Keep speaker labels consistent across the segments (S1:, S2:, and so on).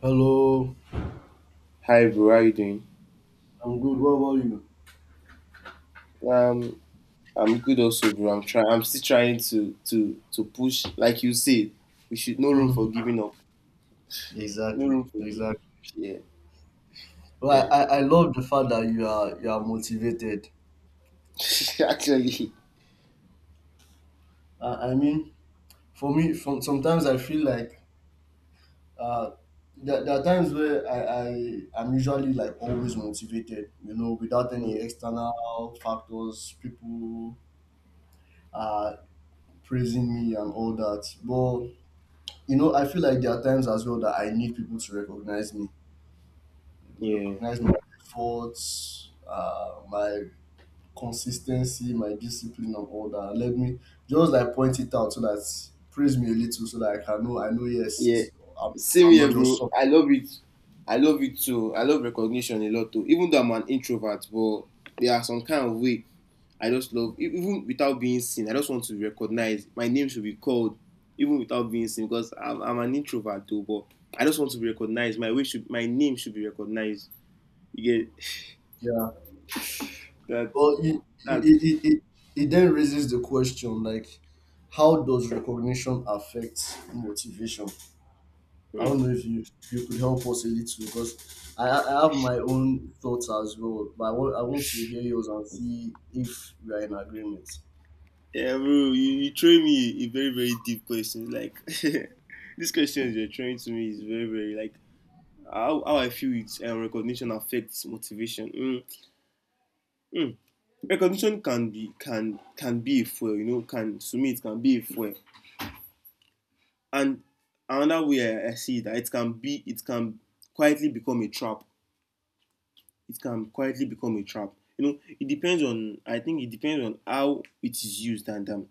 S1: Hello,
S2: Hi bro, how you doing?
S1: I'm good. What about
S2: Um, I'm good also, bro. I'm trying. I'm still trying to push. Like you said, we should no room for
S1: you?
S2: giving up. No
S1: Exactly,
S2: room for giving.
S1: exactly.
S2: Yeah,
S1: Well,
S2: yeah.
S1: I love the fact that you are motivated.
S2: Actually,
S1: Uh, I mean, for me, from sometimes I feel like uh, there are times where I am usually like always motivated. You know, without any
S2: um,
S1: external factors, people are praising me and all that. But you know, I feel like there are times as well that I need people to recognize me,
S2: yeah.
S1: recognize my efforts, my consistency, my discipline, and all that. And let me just like point it out so that praise me a little so that I can know. I know yes,
S2: Yeah.
S1: it's, I'm
S2: Same
S1: I'm not
S2: here,
S1: just
S2: bro.
S1: soft.
S2: I love it. I love it too. I love recognition a lot too. Even though I'm an introvert, but there are some kind of way I just love even without being seen. I just want to be recognized. My name should be called even without being seen because I'm an introvert too. But I just want to be recognized. My way should my name should be recognized. You get
S1: Yeah,
S2: that?
S1: but it
S2: That's
S1: it, it it it then raises the question like, how does recognition affect motivation? I
S2: hmm.
S1: don't know if you could help us a little because I have my own thoughts as well, but I want to hear yours and see if we are in agreement.
S2: Yeah, bro. You throw me a very very deep question. Like this question you're throwing to me is very very like how I feel it recognition affects motivation. Mm. Recognition can be can be a fuel, you know, can to me it can be a fuel. And another way I see that it can be it can quietly become a trap. It can quietly become a trap. You know, it depends on I think it depends on how it is used and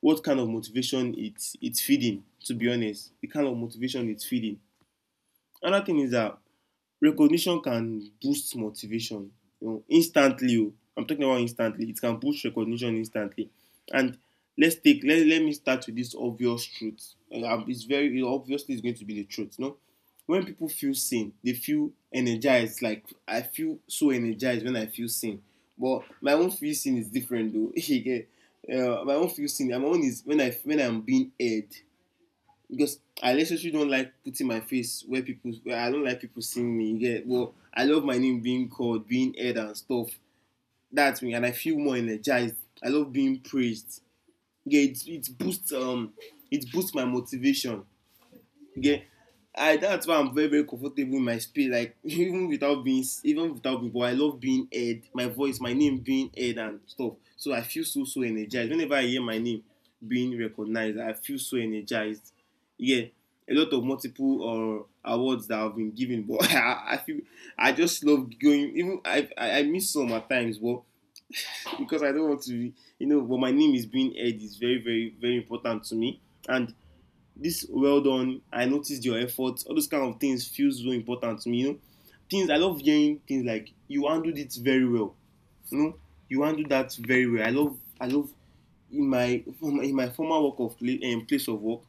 S2: what kind of motivation it's feeding, to be honest. The kind of motivation it's feeding. Another thing is that recognition can boost motivation, you know, instantly. Oh, I'm talking about instantly. It can boost recognition instantly. And let me start with this obvious truth. It's very it obviously it's going to be the truth. No, when people feel seen, they feel energized. Like I feel so energized when I feel seen. But my own feel seen is different though. You get? My own feel seen. My own is when I when I'm being heard because I literally don't like putting my face where people where I don't like people seeing me. You get well, I love my name being called, being heard and stuff. That's me, and I feel more energized. I love being praised. Yeah, it boosts it boosts my motivation. Yeah. I That's why I'm very very comfortable in my space. Like even without being even without people, I love being heard. My voice, my name being heard and stuff. So I feel so energized whenever I hear my name being recognized. I feel so energized. Yeah, a lot of multiple or awards that I've been given, but I feel I just love going. Even I miss some at times, but because I don't want to. But my name is being heard is very very very important to me, and this well done, I noticed your efforts. All those kind of things feel so important to me, you know, things I love hearing, things like you handled it very well, you know, you handled that very well. I love I love in my former work of place of work,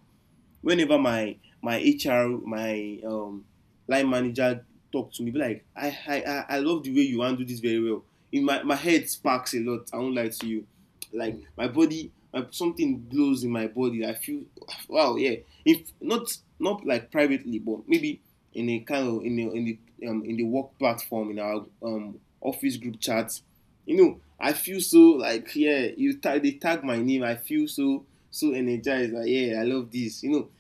S2: whenever my my HR, my line manager talk to me, be like, I love the way you handle this very well. In my my head sparks a lot. I won't lie to you. Like
S1: Mm,
S2: my body, my, something blows in my body. I feel wow, yeah. If not not like privately, but maybe in a kind of in the in the in the work platform in our office group chats, you know, I feel so like yeah. You tag they tag my name. I feel so energized. Like yeah, I love this. You know,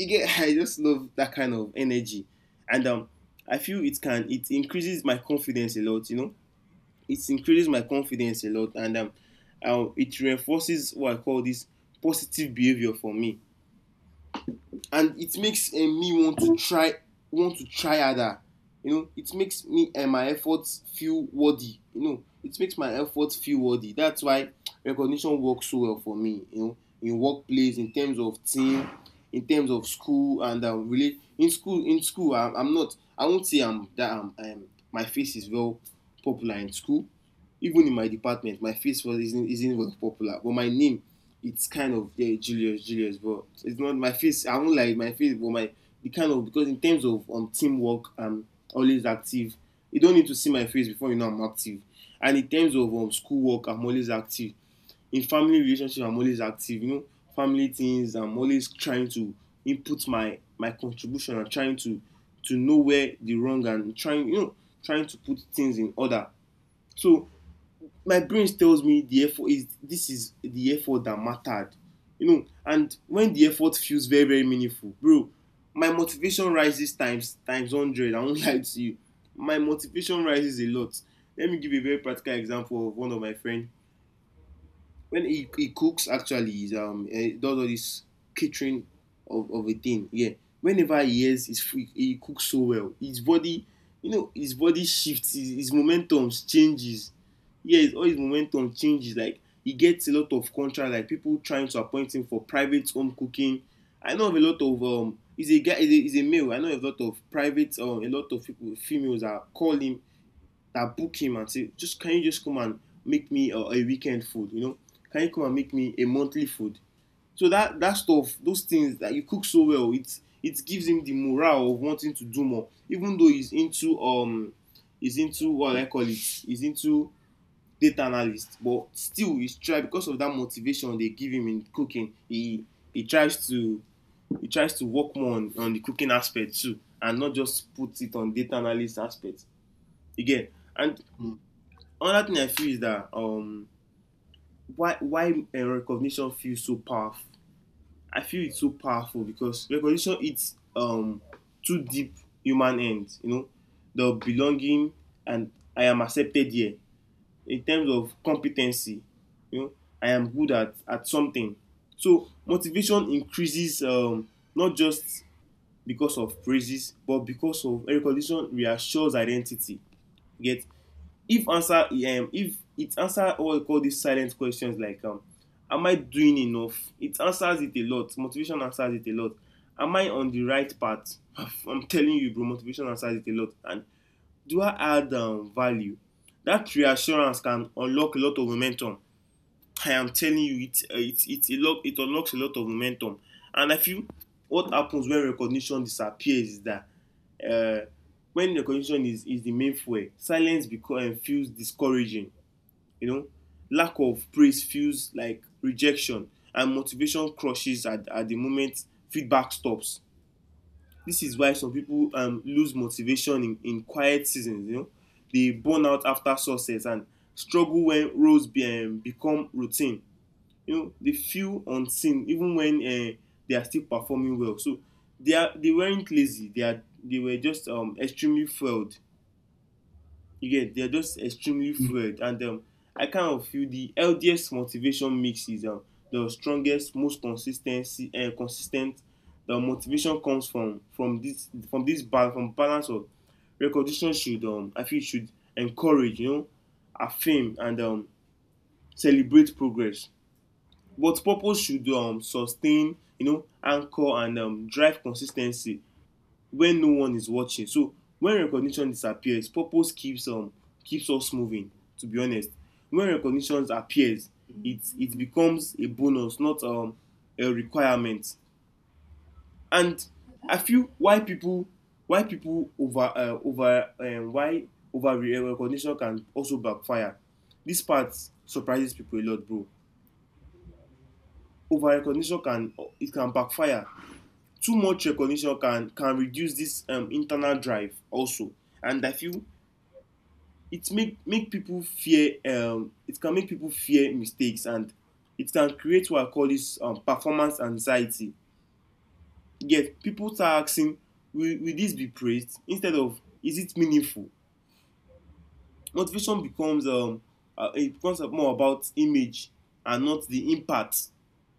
S2: again, I just love that kind of energy, and I feel it can it increases my confidence a lot. You know, it increases my confidence a lot, and it reinforces what I call this positive behavior for me. And it makes me want to try harder, you know, it makes me and my efforts feel worthy, you know, it makes my efforts feel worthy. That's why recognition works so well for me, you know, in workplace in terms of team, in terms of school and really in school I, I'm not I won't say I'm that I'm my face is well popular in school. Even in my department, my face was isn't very popular, but my name, it's kind of yeah, Julius, Julius, but it's not my face. I do not like my face, but my the kind of because in terms of teamwork, I'm always active. You don't need to see my face before you know I'm active. And in terms of schoolwork, I'm always active. In family relationship, I'm always active. You know, family things, I'm always trying to input my my contribution. I'm trying to know where the wrong and trying, you know, trying to put things in order. So my brain tells me the effort is this is the effort that mattered, you know, and when the effort feels very very meaningful, bro, my motivation rises times 100. I won't lie to you. My motivation rises a lot. Let me give you a very practical example of one of my friends. When he cooks actually he does all this catering of a thing, yeah. Whenever he's free, he cooks so well his body, you know, his body shifts his momentum changes, yeah, all his momentum changes. Like he gets a lot of contract, like people trying to appoint him for private home cooking. I know of a lot of he's a guy he's a male. I know a lot of private a lot of people, females are calling, that book him and say, just can you just come and make me a weekend food? You know, can you come and make me a monthly food? So that that stuff, those things that you cook so well, it gives him the morale of wanting to do more, even though he's into what I call it, he's into data analyst, but still he's try because of that motivation they give him in cooking. He tries to he tries to work more on the cooking aspect too, and not just put it on data analyst aspect again. And
S1: mm,
S2: another thing I feel is that why recognition feels so powerful. I feel it's so powerful because recognition hits two deep human ends. You know, the belonging and I am accepted here. In terms of competency, you know, I am good at something. So motivation increases not just because of praises, but because of recognition reassures identity. You get if answer if it answer what we call these silent questions like am I doing enough? It answers it a lot. Motivation answers it a lot. Am I on the right path? I'm telling you, bro, motivation answers it a lot. And do I add value? That reassurance can unlock a lot of momentum. I am telling you, it unlocks a lot of momentum. And I feel what happens when recognition disappears is that uh, when the condition is the main fuel silence because feels discouraging, you know, lack of praise feels like rejection and motivation crushes at the moment feedback stops. This is why some people lose motivation in quiet seasons, you know, they burn out after success and struggle when roles become routine, you know, they feel unseen even when they are still performing well. So they are they weren't lazy, they are they were just extremely fueled. Again, they are just extremely
S1: mm.
S2: fueled and I kind of feel the healthiest motivation mix is the strongest most consistency and consistent the motivation comes from this balance from balance of recognition. Should I feel it should encourage, you know, affirm and celebrate progress, but purpose should sustain, you know, anchor and drive consistency when no one is watching. So when recognition disappears, purpose keeps keeps us moving. To be honest, when recognition appears, it becomes a bonus, not a requirement. And I feel why people over over why over recognition can also backfire. This part surprises people a lot, bro. Over recognition can, it can backfire. Too much recognition can reduce this internal drive also. And I feel it make make people fear, it can make people fear mistakes, and it can create what I call this performance anxiety. Yet people start asking, will this be praised instead of is it meaningful? Motivation becomes it becomes more about image and not the impact.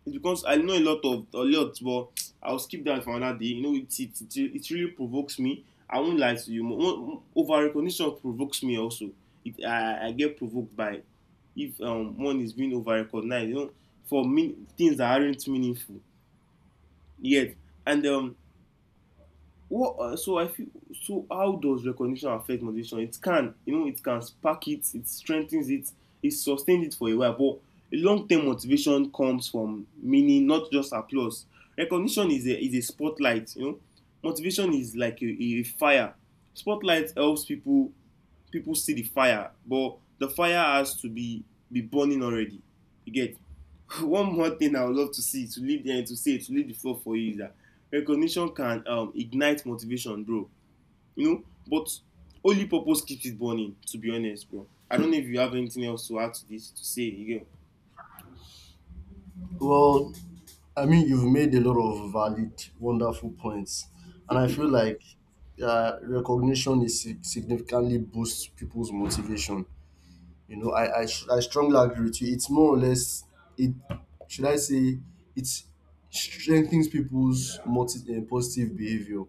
S2: It's because I know a lot of a lot, but I'll skip that for another day. You know, it really provokes me. I won't lie to you. Over recognition provokes me also. I get provoked by if one is being over recognized. You know, for me things that aren't meaningful yet, and What so I feel, so how does recognition affect motivation? It can, you know, it can spark it, it strengthens it, it sustains it for a while. But long term motivation comes from meaning, not just applause. Recognition is a spotlight, you know. Motivation is like a fire. Spotlight helps people, people see the fire, but the fire has to be burning already. You get? One more thing I would love to see to leave the to say, to leave the floor for you, is that recognition can, ignite motivation, bro. You know, but only purpose keeps it burning. To be honest, bro. I don't know if you have anything else to add to this, to say. You know?
S1: Well, I mean, you've made a lot of valid, wonderful points, and I feel like recognition is significantly boosts people's motivation. You know, I strongly agree with you. It's more or less it should I say it strengthens people's positive behavior,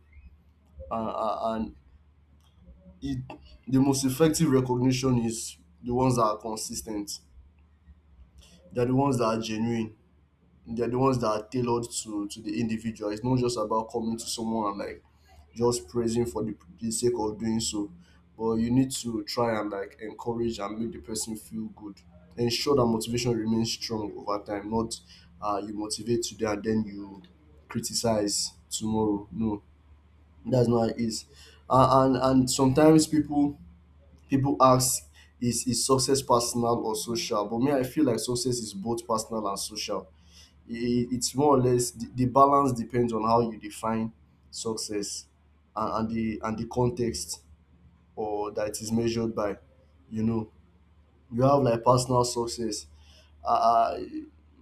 S1: and it the most effective recognition is the ones that are consistent. They're the ones that are genuine. They're the ones that are tailored to the individual. It's not just about coming to someone and like just praising for the sake of doing so. But you need to try and like encourage and make the person feel good. Ensure that motivation remains strong over time, not you motivate today and then you criticize tomorrow. No, that's not how it is. And and sometimes people ask is success personal or social? But me, I feel like success is both personal and social. It's more or less the balance depends on how you define success, and the context or that it is measured by. You know, you have like personal success. uh, uh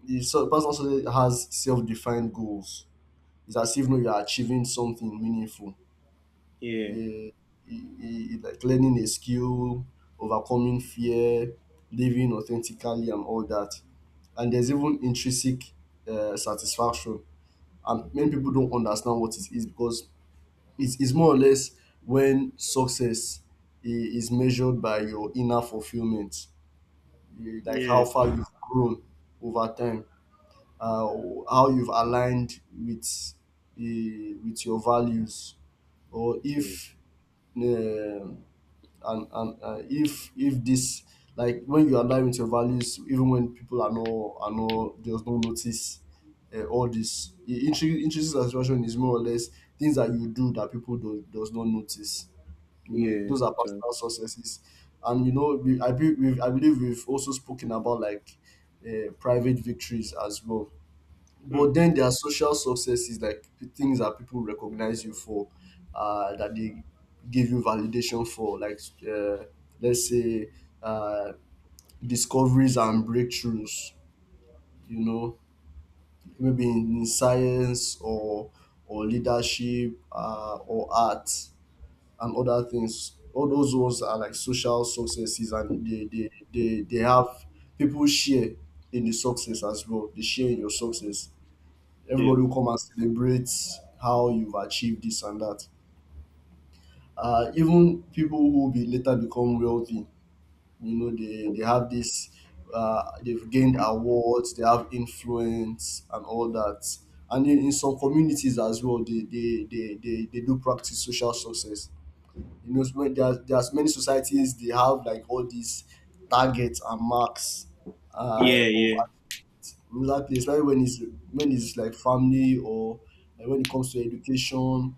S1: the so personal success has self-defined goals. It's as if no you're achieving something meaningful.
S2: Yeah,
S1: Eh, like learning a skill, overcoming fear, living authentically and all that. And there's even intrinsic satisfaction, and many people don't understand what it is because it's more or less when success is measured by your inner fulfillment, eh, like how
S2: yeah,
S1: far you've grown over time, uh, how you've aligned with your values. Or if um and and if this like when you align with your values even when people are not just don't notice all this intrinsic satisfaction is more or less things that you do that people do, does not notice. You know,
S2: yeah.
S1: those are
S2: Actually,
S1: personal successes. And you know we, I, be, we've, I believe we've also spoken about like private victories as well.
S2: hmm.
S1: But then there are social successes, like things that people recognize you for, that they give you validation for, like uh, let's say uh, discoveries and breakthroughs. You know, maybe in science or leadership or art and other things. All those ones are like social successes, and they have people share in the success as well. They share in your success.
S2: yeah,
S1: Everybody will come and celebrate how you've achieved this and that. Even people who be later become wealthy, you know, they have this, they've gained awards, they have influence and all that. And in some communities as well, they do practice social success. You know, when there's many societies, they have like all these targets and marks of
S2: yeah,
S1: exactly, especially when it's like family or like when it comes to education,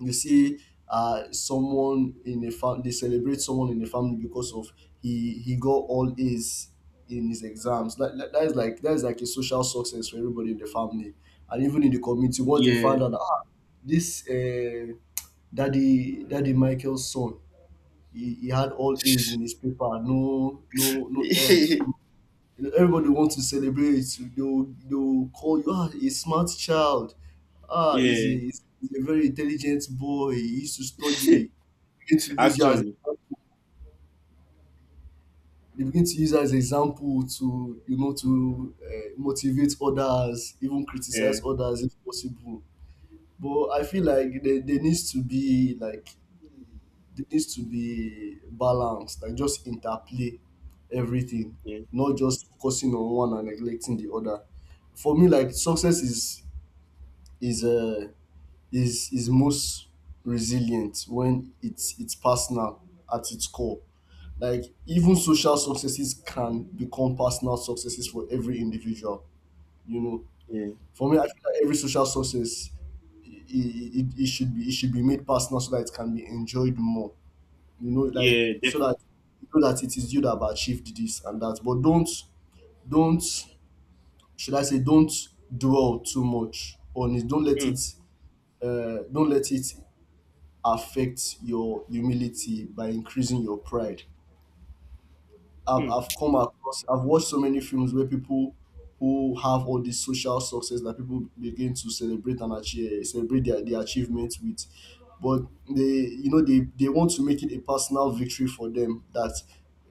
S1: you see someone in a family they celebrate someone in the family because of he got all A's in his exams. That is like that is like a social success for everybody in the family and even in the community. Once they found out ah, this daddy daddy Michael's son, he had all A's in his paper, no F. You know, everybody wants to celebrate. They'll call you ah a smart child. Ah,
S2: yeah, yeah, yeah.
S1: he's a very intelligent boy. He used to study. They begin to use you as
S2: Actually,
S1: they begin to use you as example to you know to motivate others, even criticize
S2: yeah,
S1: others if possible. But I feel like there needs to be like there needs to be balance, like just interplay everything,
S2: yeah,
S1: not just focusing on one and neglecting the other. For me, like success is is uh, is most resilient when it's personal at its core. Like even social successes can become personal successes for every individual. You know,
S2: yeah,
S1: for me, I feel like every social success it should be it should be made personal so that it can be enjoyed more. You know like
S2: yeah.
S1: so
S2: Def-
S1: that you know that it is you that have achieved this and that, but don't should I say don't dwell too much on it. Don't let
S2: hmm.
S1: it don't let it affect your humility by increasing your pride.
S2: Hmm.
S1: I've come across I've watched so many films where people who have all this social success that people begin to celebrate and achieve, celebrate their achievements with, but they you know they want to make it a personal victory for them that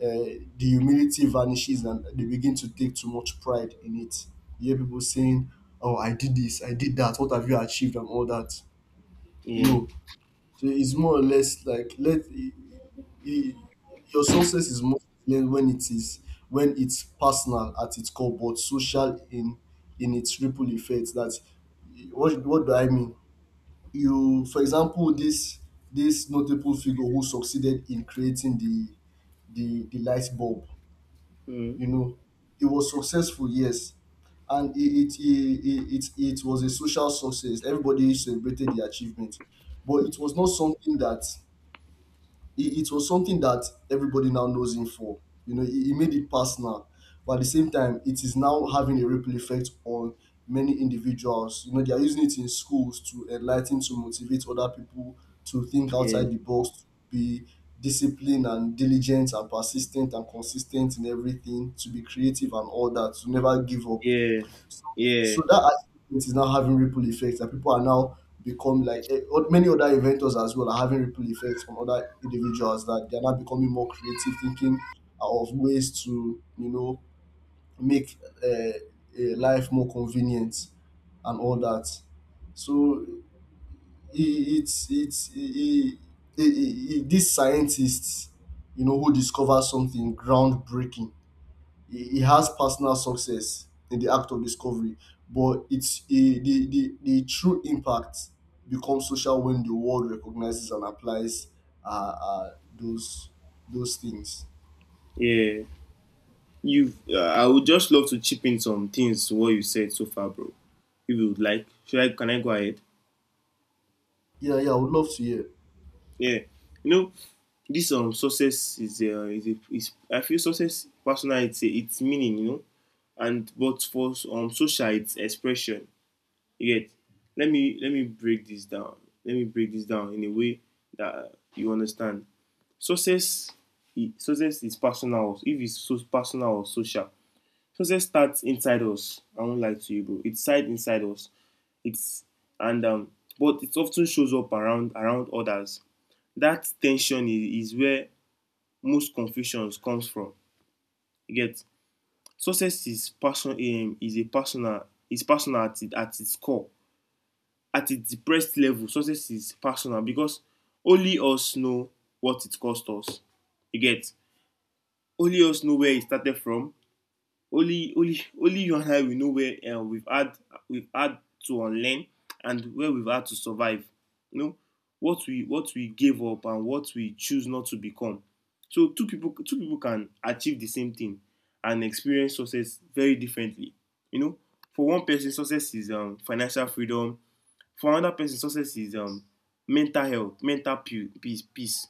S1: the humility vanishes and they begin to take too much pride in it. You hear people saying oh I did this I did that what have you achieved and all that.
S2: Yeah,
S1: No, so it's more or less like i- your success is more clear when it is when it's personal at its core, but social in its ripple effect. That what do I mean? You, for example, this notable figure who succeeded in creating the the light bulb.
S2: hmm.
S1: You know, it was successful, yes, and it was a social success. Everybody celebrated the achievement, but it was not something that it was something that everybody now knows him for. You know, he made it personal. But at the same time, it is now having a ripple effect on many individuals. You know, they are using it in schools to enlighten, to motivate other people to think
S2: Yeah,
S1: outside the box, to be disciplined and diligent and persistent and consistent in everything, to be creative and all that, to never give up.
S2: yeah,
S1: So
S2: yeah,
S1: that aspect is now having ripple effects that people are now become like many other inventors as well are having ripple effects from other individuals that they're now becoming more creative, thinking of ways to you know make uh, life more convenient and all that. So it's these scientists, you know, who discover something groundbreaking, he has personal success in the act of discovery, but it's a, the true impact becomes social when the world recognizes and applies uh, uh those those things.
S2: yeah. You've, I would just love to chip in some things to what you said so far, bro. If you would like, should I? Can I go ahead?
S1: Yeah, yeah, I would love to hear.
S2: Yeah, you know, this success is, I feel success personal, it's it's meaning, you know, and but for social it's expression. You get? Let me break this down. Let me break this down in a way that you understand. Success, success is personal. If it's so personal or social, success starts inside us. I won't lie to you, bro. It's side inside us. It's and but it often shows up around around others. That tension is where most confusions comes from. You get? Success is person is a personal is personal at, it, at its core. At its depressed level, success is personal because only us know what it cost us. You get? Only us know where it started from. Only you and I will know where we've had, we've had to unlearn, and where we've had to survive. You know, what we gave up and what we choose not to become. So two people can achieve the same thing and experience success very differently. You know, for one person success is, financial freedom. For another person success is, mental health, mental peace, peace.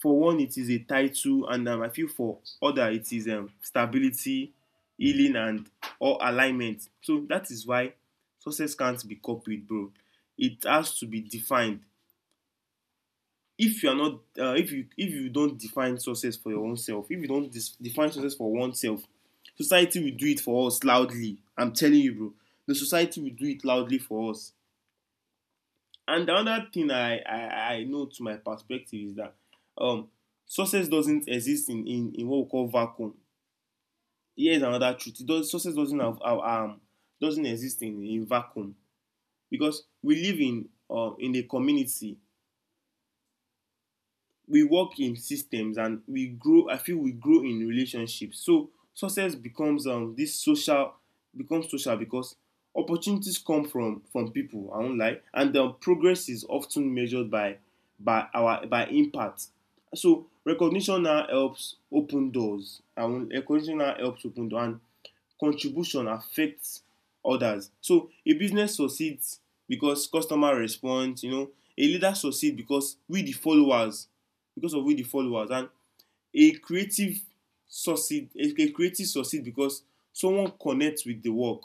S2: For one it is a title, and I feel for other it is, stability, healing, and or alignment. So that is why success can't be copied, bro. It has to be defined. If you are not, if you, if you don't define success for your own self, if you don't dis- define success for oneself, society will do it for us loudly. I'm telling you, bro. The society will do it loudly for us. And the other thing I know to my perspective is that, um, success doesn't exist in, in what we call vacuum. Here's another truth. It does, success doesn't doesn't exist in vacuum, because we live in, in a community, we work in systems, and we grow. I feel we grow in relationships, so success becomes, this social, becomes social because opportunities come from people. I won't lie. And progress is often measured by our by impact. So recognition now helps open doors. I won't Recognition now helps open doors, and contribution affects others. So a business succeeds because customer responds, you know. A leader succeeds because we the followers, because of who the followers, and a creative a creative succeed because someone connect with the work.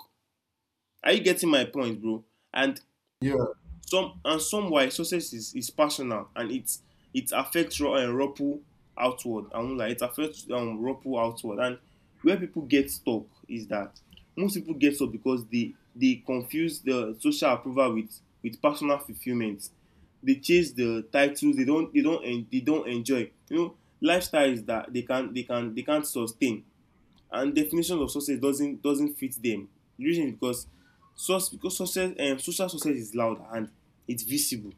S2: Are you getting my point, bro? And
S1: Yeah,
S2: some and some, why success is personal and it's, it affects ripple outward. And like it affects, ripple outward. And where people get stuck is that most people get stuck because they confuse the social approval with personal fulfillment. They chase the titles they don't enjoy. You know, lifestyles that they can't sustain, and definition of success doesn't fit them. The reason is because sus because success, social success is loud, and it's visible.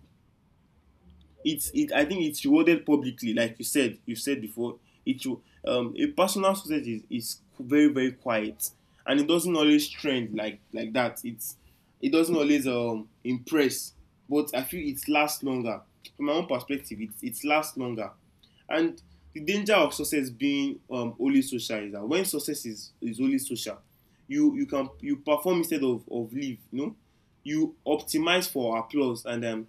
S2: It's, it, I think it's rewarded publicly, like you said, before. It, a personal success is very very quiet, and it doesn't always trend like that. It's, it doesn't always impress, but I feel it lasts longer. From my own perspective, it lasts longer. And the danger of success being, only social is that when success is only social, you can, you perform instead of live, you know. You optimize for applause and,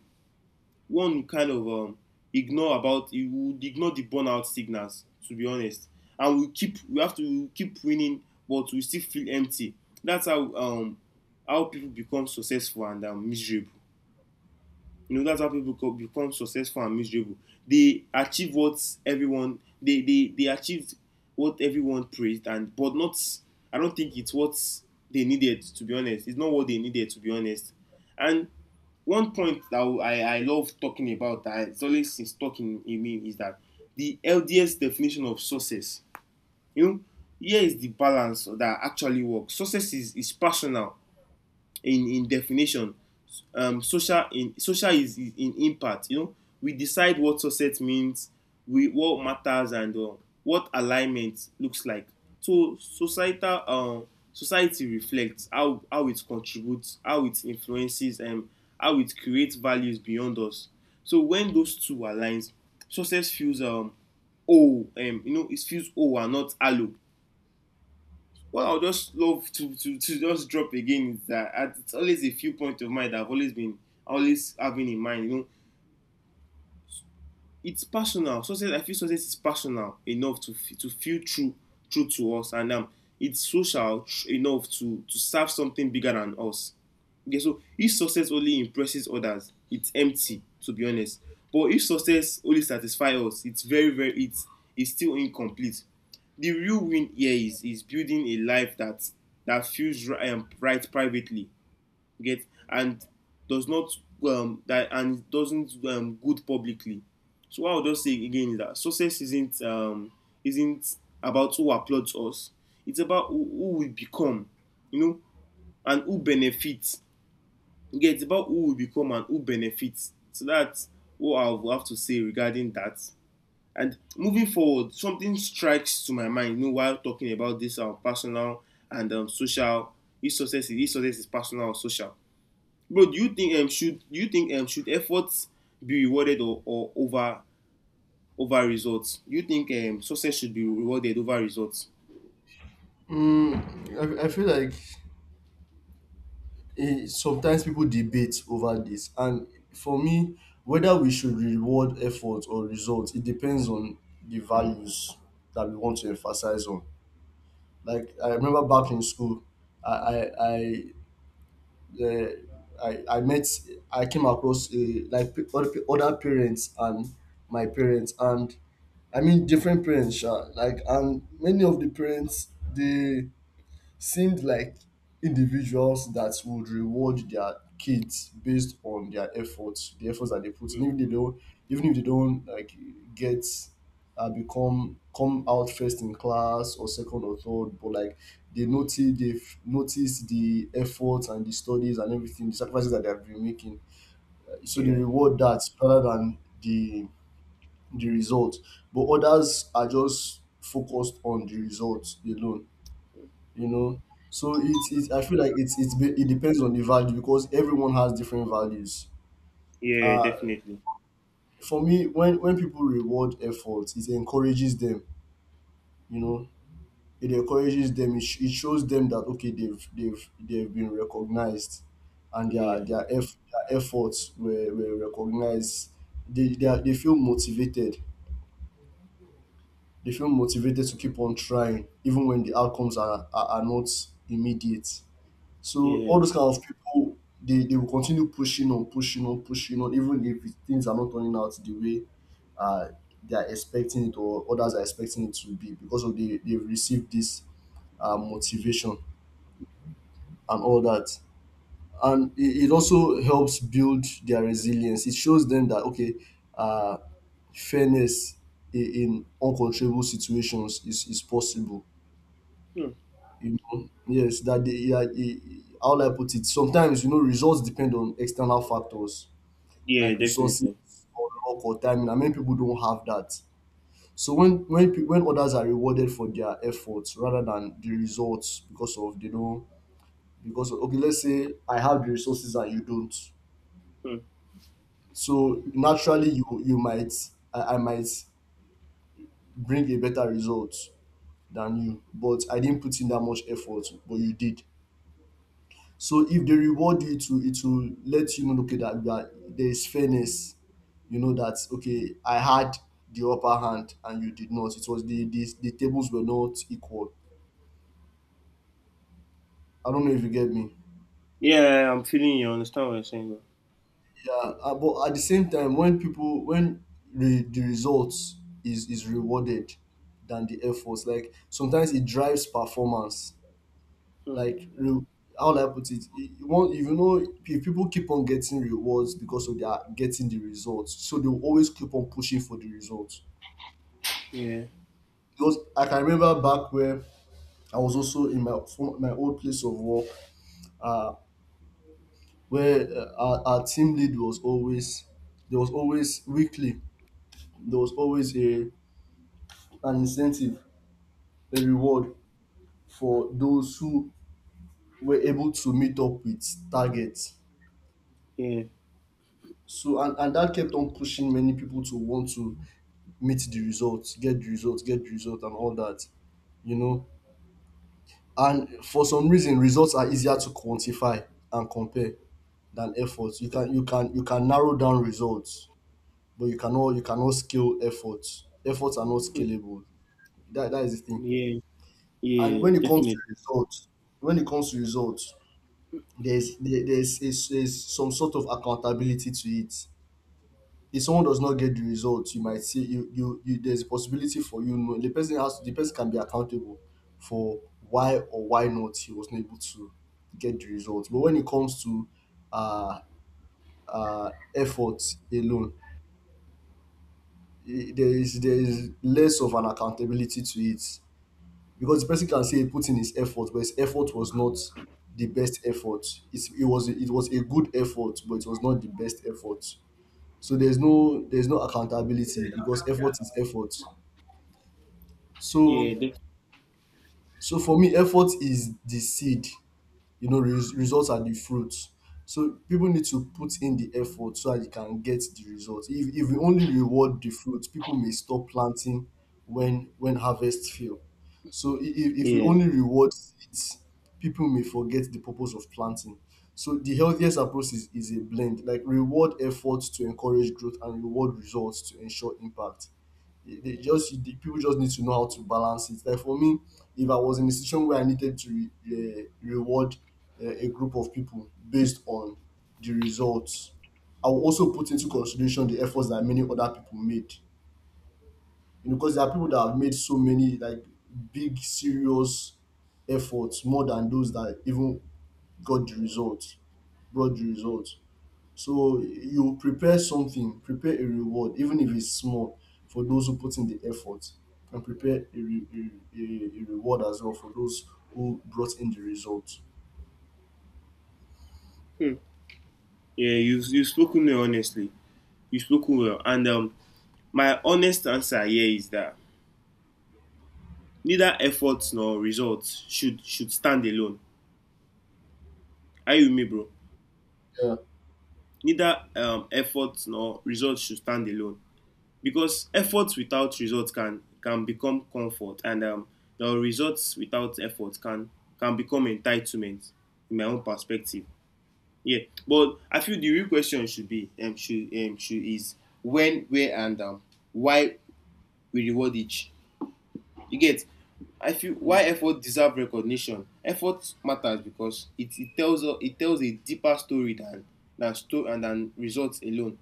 S2: one kind of ignore about he would ignore the burnout signals, to be honest. And we keep, we have to keep winning, but we still feel empty. That's how, people become successful and, miserable. You know, that's how people become successful and miserable. They achieve what everyone they achieved, what everyone praised, and but not, I don't think it's what they needed, to be honest. It's not what they needed, to be honest. And one point that I love talking about, that it's always is talking in me, is that the LDS definition of success, you know, here is the balance that actually works. Success is personal in definition, social in, social is in impact. You know, we decide what success means, we what matters, and, what alignment looks like. So societal, society reflects how, it contributes, how it influences, and, how it creates values beyond us. So when those two aligns, success feels, oh you know, it feels oh and not hollow. What I would just love to, to just drop again is that it's always a few points of mine that I've always having in mind. You know, it's personal. Success, I feel success is personal enough to feel true, to us, and it's social enough to serve something bigger than us. Okay, so if success only impresses others, it's empty, to be honest. But if success only satisfies us, it's very, very, it's still incomplete. The real win here is building a life that, feels right, right privately, get, and does not, that and doesn't good publicly. So what I'll just say again is that success isn't, isn't about who applauds us. It's about who we become, you know, and who benefits. Yeah, it's about who we become and who benefits. So that's what I will have to say regarding that. And moving forward, something strikes to my mind. You know, while talking about this, personal and, social, this success is, this success is personal or social. Bro, do you think, should do you think, should efforts be rewarded or, over results? Do you think, success should be rewarded over results?
S1: I feel like eh, sometimes people debate over this, and for me whether we should reward effort or results it depends on the values that we want to emphasize on. Like I remember back in school, I I I, uh, I met I came across like other parents and my parents, and I mean different parents, sha. Like and many of the parents they seemed like individuals that would reward their kids based on their efforts, the efforts that they put in,
S2: Mm,
S1: even if they don't, even if they don't like get become come out first in class or second or third, but like they notice they've noticed the efforts and the studies and everything, the sacrifices that they have been making. So they
S2: yeah.
S1: reward that rather than the result. But others are just focused on the results alone you know so it's I feel like it depends on the value because everyone has different values.
S2: Yeah,
S1: uh
S2: definitely.
S1: for me, when people reward effort, it encourages them you know it encourages them. It shows them that okay, they've been recognized, and their
S2: Yeah.
S1: their, eff- their efforts were recognized. They feel motivated. They feel motivated to keep on trying even when the outcomes are not immediate. So all
S2: Yeah.
S1: those kind of people, they will continue pushing on, pushing on, pushing on, even if things are not turning out the way uh, they are expecting it or others are expecting it to be, because of the they've received this motivation and all that. And it also helps build their resilience. It shows them that okay, uh, fairness in uncontrollable situations is possible.
S2: Hmm.
S1: You know, yes, that they, yeah, eh, how will I put it? Sometimes, you know, results depend on external factors
S2: Yeah,
S1: like resources
S2: definitely.
S1: or luck or timing, and many people don't have that. So when when others are rewarded for their efforts rather than the results, because of because of, okay, let's say I have the resources and you don't,
S2: Hmm.
S1: so naturally you might I might bring a better result than you, but I didn't put in that much effort, but you did. So if they reward you, it will let you know, okay, that you are there is fairness. You know that okay, I had the upper hand and you did not. It was the tables were not equal. I don't know if you get me.
S2: Yeah, I'm feeling you. I understand what you're saying.
S1: Yeah, but at the same time, when people when the results is rewarded than the efforts, like sometimes it drives performance.
S2: Bro. Hmm.
S1: Like how will I put it? You won't if you know If people keep on getting rewards because of their getting the results, so they will always keep on pushing for the results.
S2: Yeah,
S1: Because I can remember back where I was also in my from my old place of work, uh, where our team lead was always there was always weekly there was always a an incentive, a reward for those who were able to meet up with targets.
S2: yeah,
S1: So and that kept on pushing many people to want to meet the results, get the results, get the result and all that you know and for some reason, results are easier to quantify and compare than efforts. You can narrow down results, but you cannot scale efforts. Efforts are not scalable. That is the thing.
S2: yeah,
S1: And
S2: yeah,
S1: when it comes to
S2: definitely.
S1: results, when it comes to results, there's there, there's, is there's some sort of accountability to it. If someone does not get the result, you might see you there's a possibility for you know the person has the person can be accountable for why or why not he was not able to get the result. But when it comes to uh effort alone, there is less of an accountability to it, because the person can say he put in his effort but his effort was not the best effort. It was a good effort but it was not the best effort. So there's no accountability because effort is effort.
S2: Yeah,
S1: So
S2: def-
S1: so for me, effort is the seed. You know, results are the fruit. So people need to put in the effort so that you can get the results. If we only reward the fruit, people may stop planting when harvest fail. So if we
S2: yeah,
S1: only reward seeds, people may forget the purpose of planting. So the healthiest approach is a blend, like reward efforts to encourage growth and reward results to ensure impact. The people just need to know how to balance it. Like for me, if I was in a situation where I needed to reward a group of people based on the results, I will also put into consideration the efforts that many other people made. You know, because there are people that have made so many like big, serious efforts more than those that even got the results, brought the results. So you prepare something, prepare a reward, even if it's small, for those who put in the effort, and prepare a, re- a reward as well for those who brought in the result.
S2: hmm. Yeah. You've spoken well, honestly. You've spoken well, and, my honest answer here is that neither effort nor results should stand alone. Are you with me, bro?
S1: Yeah,
S2: Neither, effort nor results should stand alone, because efforts without results can, become comfort, and, the results without effort can, become entitlement, in my own perspective. Yeah, but I feel the real question should be, should is when, where, and, why we reward each. You get? I feel
S1: mm.
S2: why effort deserve recognition, effort matters because it tells us, it tells a deeper story than story and than results alone.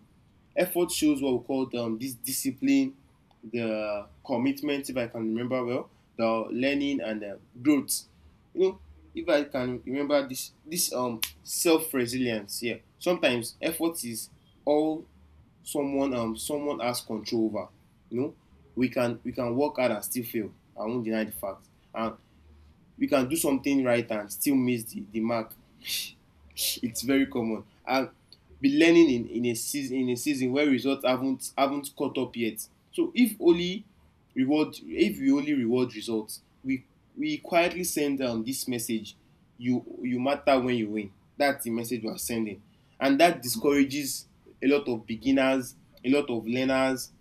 S2: Effort shows what we call, this discipline, the commitment, if I can remember well, the learning and the growth. You know, if I can remember this, this self-resilience. Yeah, sometimes effort is all someone, someone has control over. You know, we can, we can work hard and still fail. I won't deny the fact. And we can do something right and still miss the mark. It's very common, and be learning in a season where results haven't caught up yet. So if we only reward results, we quietly send down this message: you matter when you win. That's the message we are sending, and that discourages a lot of beginners, a lot of learners,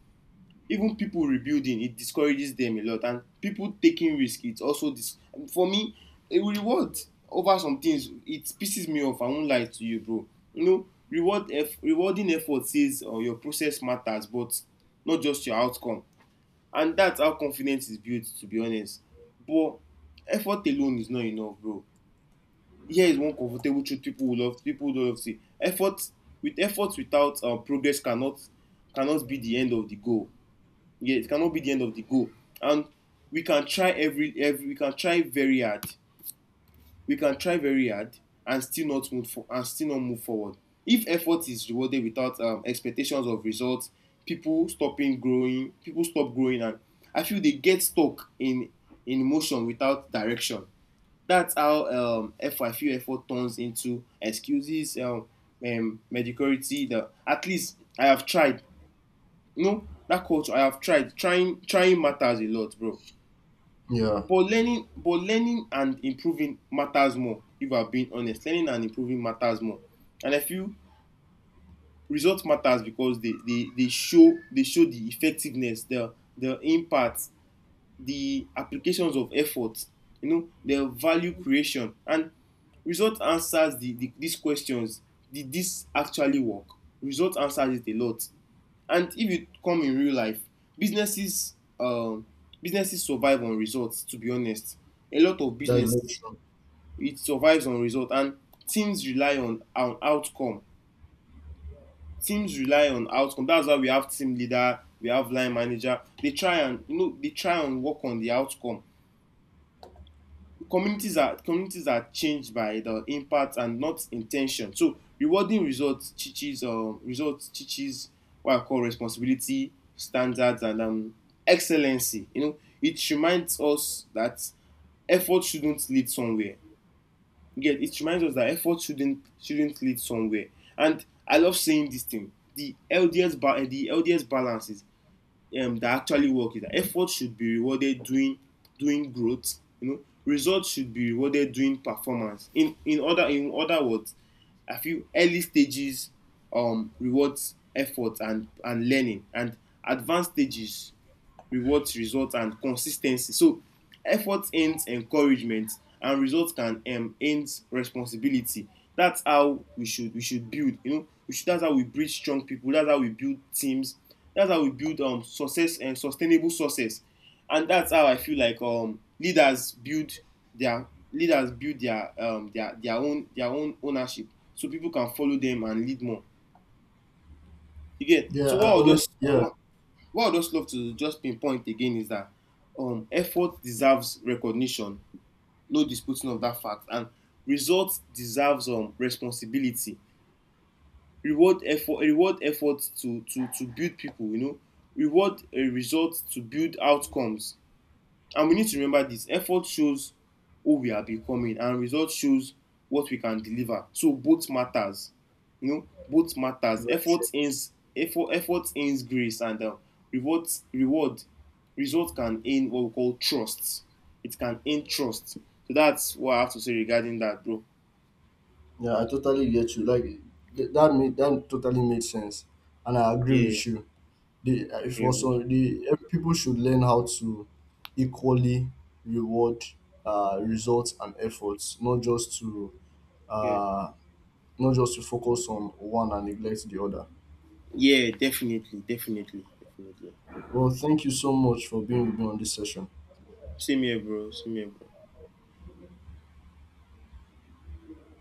S2: even people rebuilding. It discourages them a lot. And people taking risk, it's also dis- for me, a reward over some things, it pisses me off, I won't lie to you, bro. Rewarding effort says, your process matters but not just your outcome, and that's how confidence is built, to be honest. But effort alone is not enough, bro. Here is one comfortable truth people will love, people don't love to say: effort without progress cannot be the end of the goal. Yeah, it cannot be the end of the goal. And we can try very hard. We can try very hard and still not and still not move forward. If effort is rewarded without expectations of results, people stop growing, and I feel they get stuck in motion without direction. That's how I feel effort turns into excuses, mediocrity. The at least I have tried. No, that culture I have tried. Trying matters a lot, bro.
S1: Yeah,
S2: But learning and improving matters more. If I'm being honest, learning and improving matters more. And I feel results matters because they show the effectiveness, the impact, the applications of effort, you know, the value creation. And result answers these questions: did this actually work? Result answers it a lot. And if you come in real life, businesses, businesses survive on results, to be honest. A lot of
S1: that's
S2: business,
S1: very true.
S2: it survives on result. And teams rely on outcome, teams rely on outcome. That's why we have team leader, we have line manager. They try and, you know, they try and work on the outcome. Communities are changed by the impact and not intention. So rewarding results teaches, what I call responsibility, standards, and excellency. You know, it reminds us that effort shouldn't lead somewhere. Yet it reminds us that effort shouldn't lead somewhere. And I love saying this thing. The LDS balance is, that actually work is, that effort should be rewarded doing doing growth, you know, results should be rewarded doing performance. In other words, I feel early stages rewards effort and learning, and advanced stages rewards results and consistency. So effort ends encouragement, and results can end responsibility. That's how we should build. You know, we should, that's how we breed strong people. That's how we build teams. That's how we build success and sustainable success. And that's how I feel like leaders build their own ownership, so people can follow them and lead more. Again,
S1: Yeah,
S2: so
S1: I
S2: what I'll just
S1: honestly, yeah,
S2: what I'd just love to just pinpoint again is that, effort deserves recognition, no disputing of that fact, and results deserves responsibility. Reward effort to build people. You know, reward a result to build outcomes. And we need to remember this: effort shows who we are becoming, and result shows what we can deliver. So both matters. You know, both
S1: you're
S2: matters.
S1: very
S2: Effort
S1: true.
S2: earns effort, effort earns grace, and reward result can earn what we call trust. It can earn trust. So that's what I have to say regarding that, bro.
S1: Yeah, I totally get you. Like that made that totally made sense, and I agree
S2: Yeah,
S1: with you. The if
S2: yeah, bro.
S1: also the people should learn how to equally reward results and efforts, not just to
S2: Yeah,
S1: uh, not just to focus on one and neglect the other.
S2: yeah, definitely, definitely, definitely.
S1: Well, thank you so much for being with me on this session.
S2: Same here, bro. Same here, bro.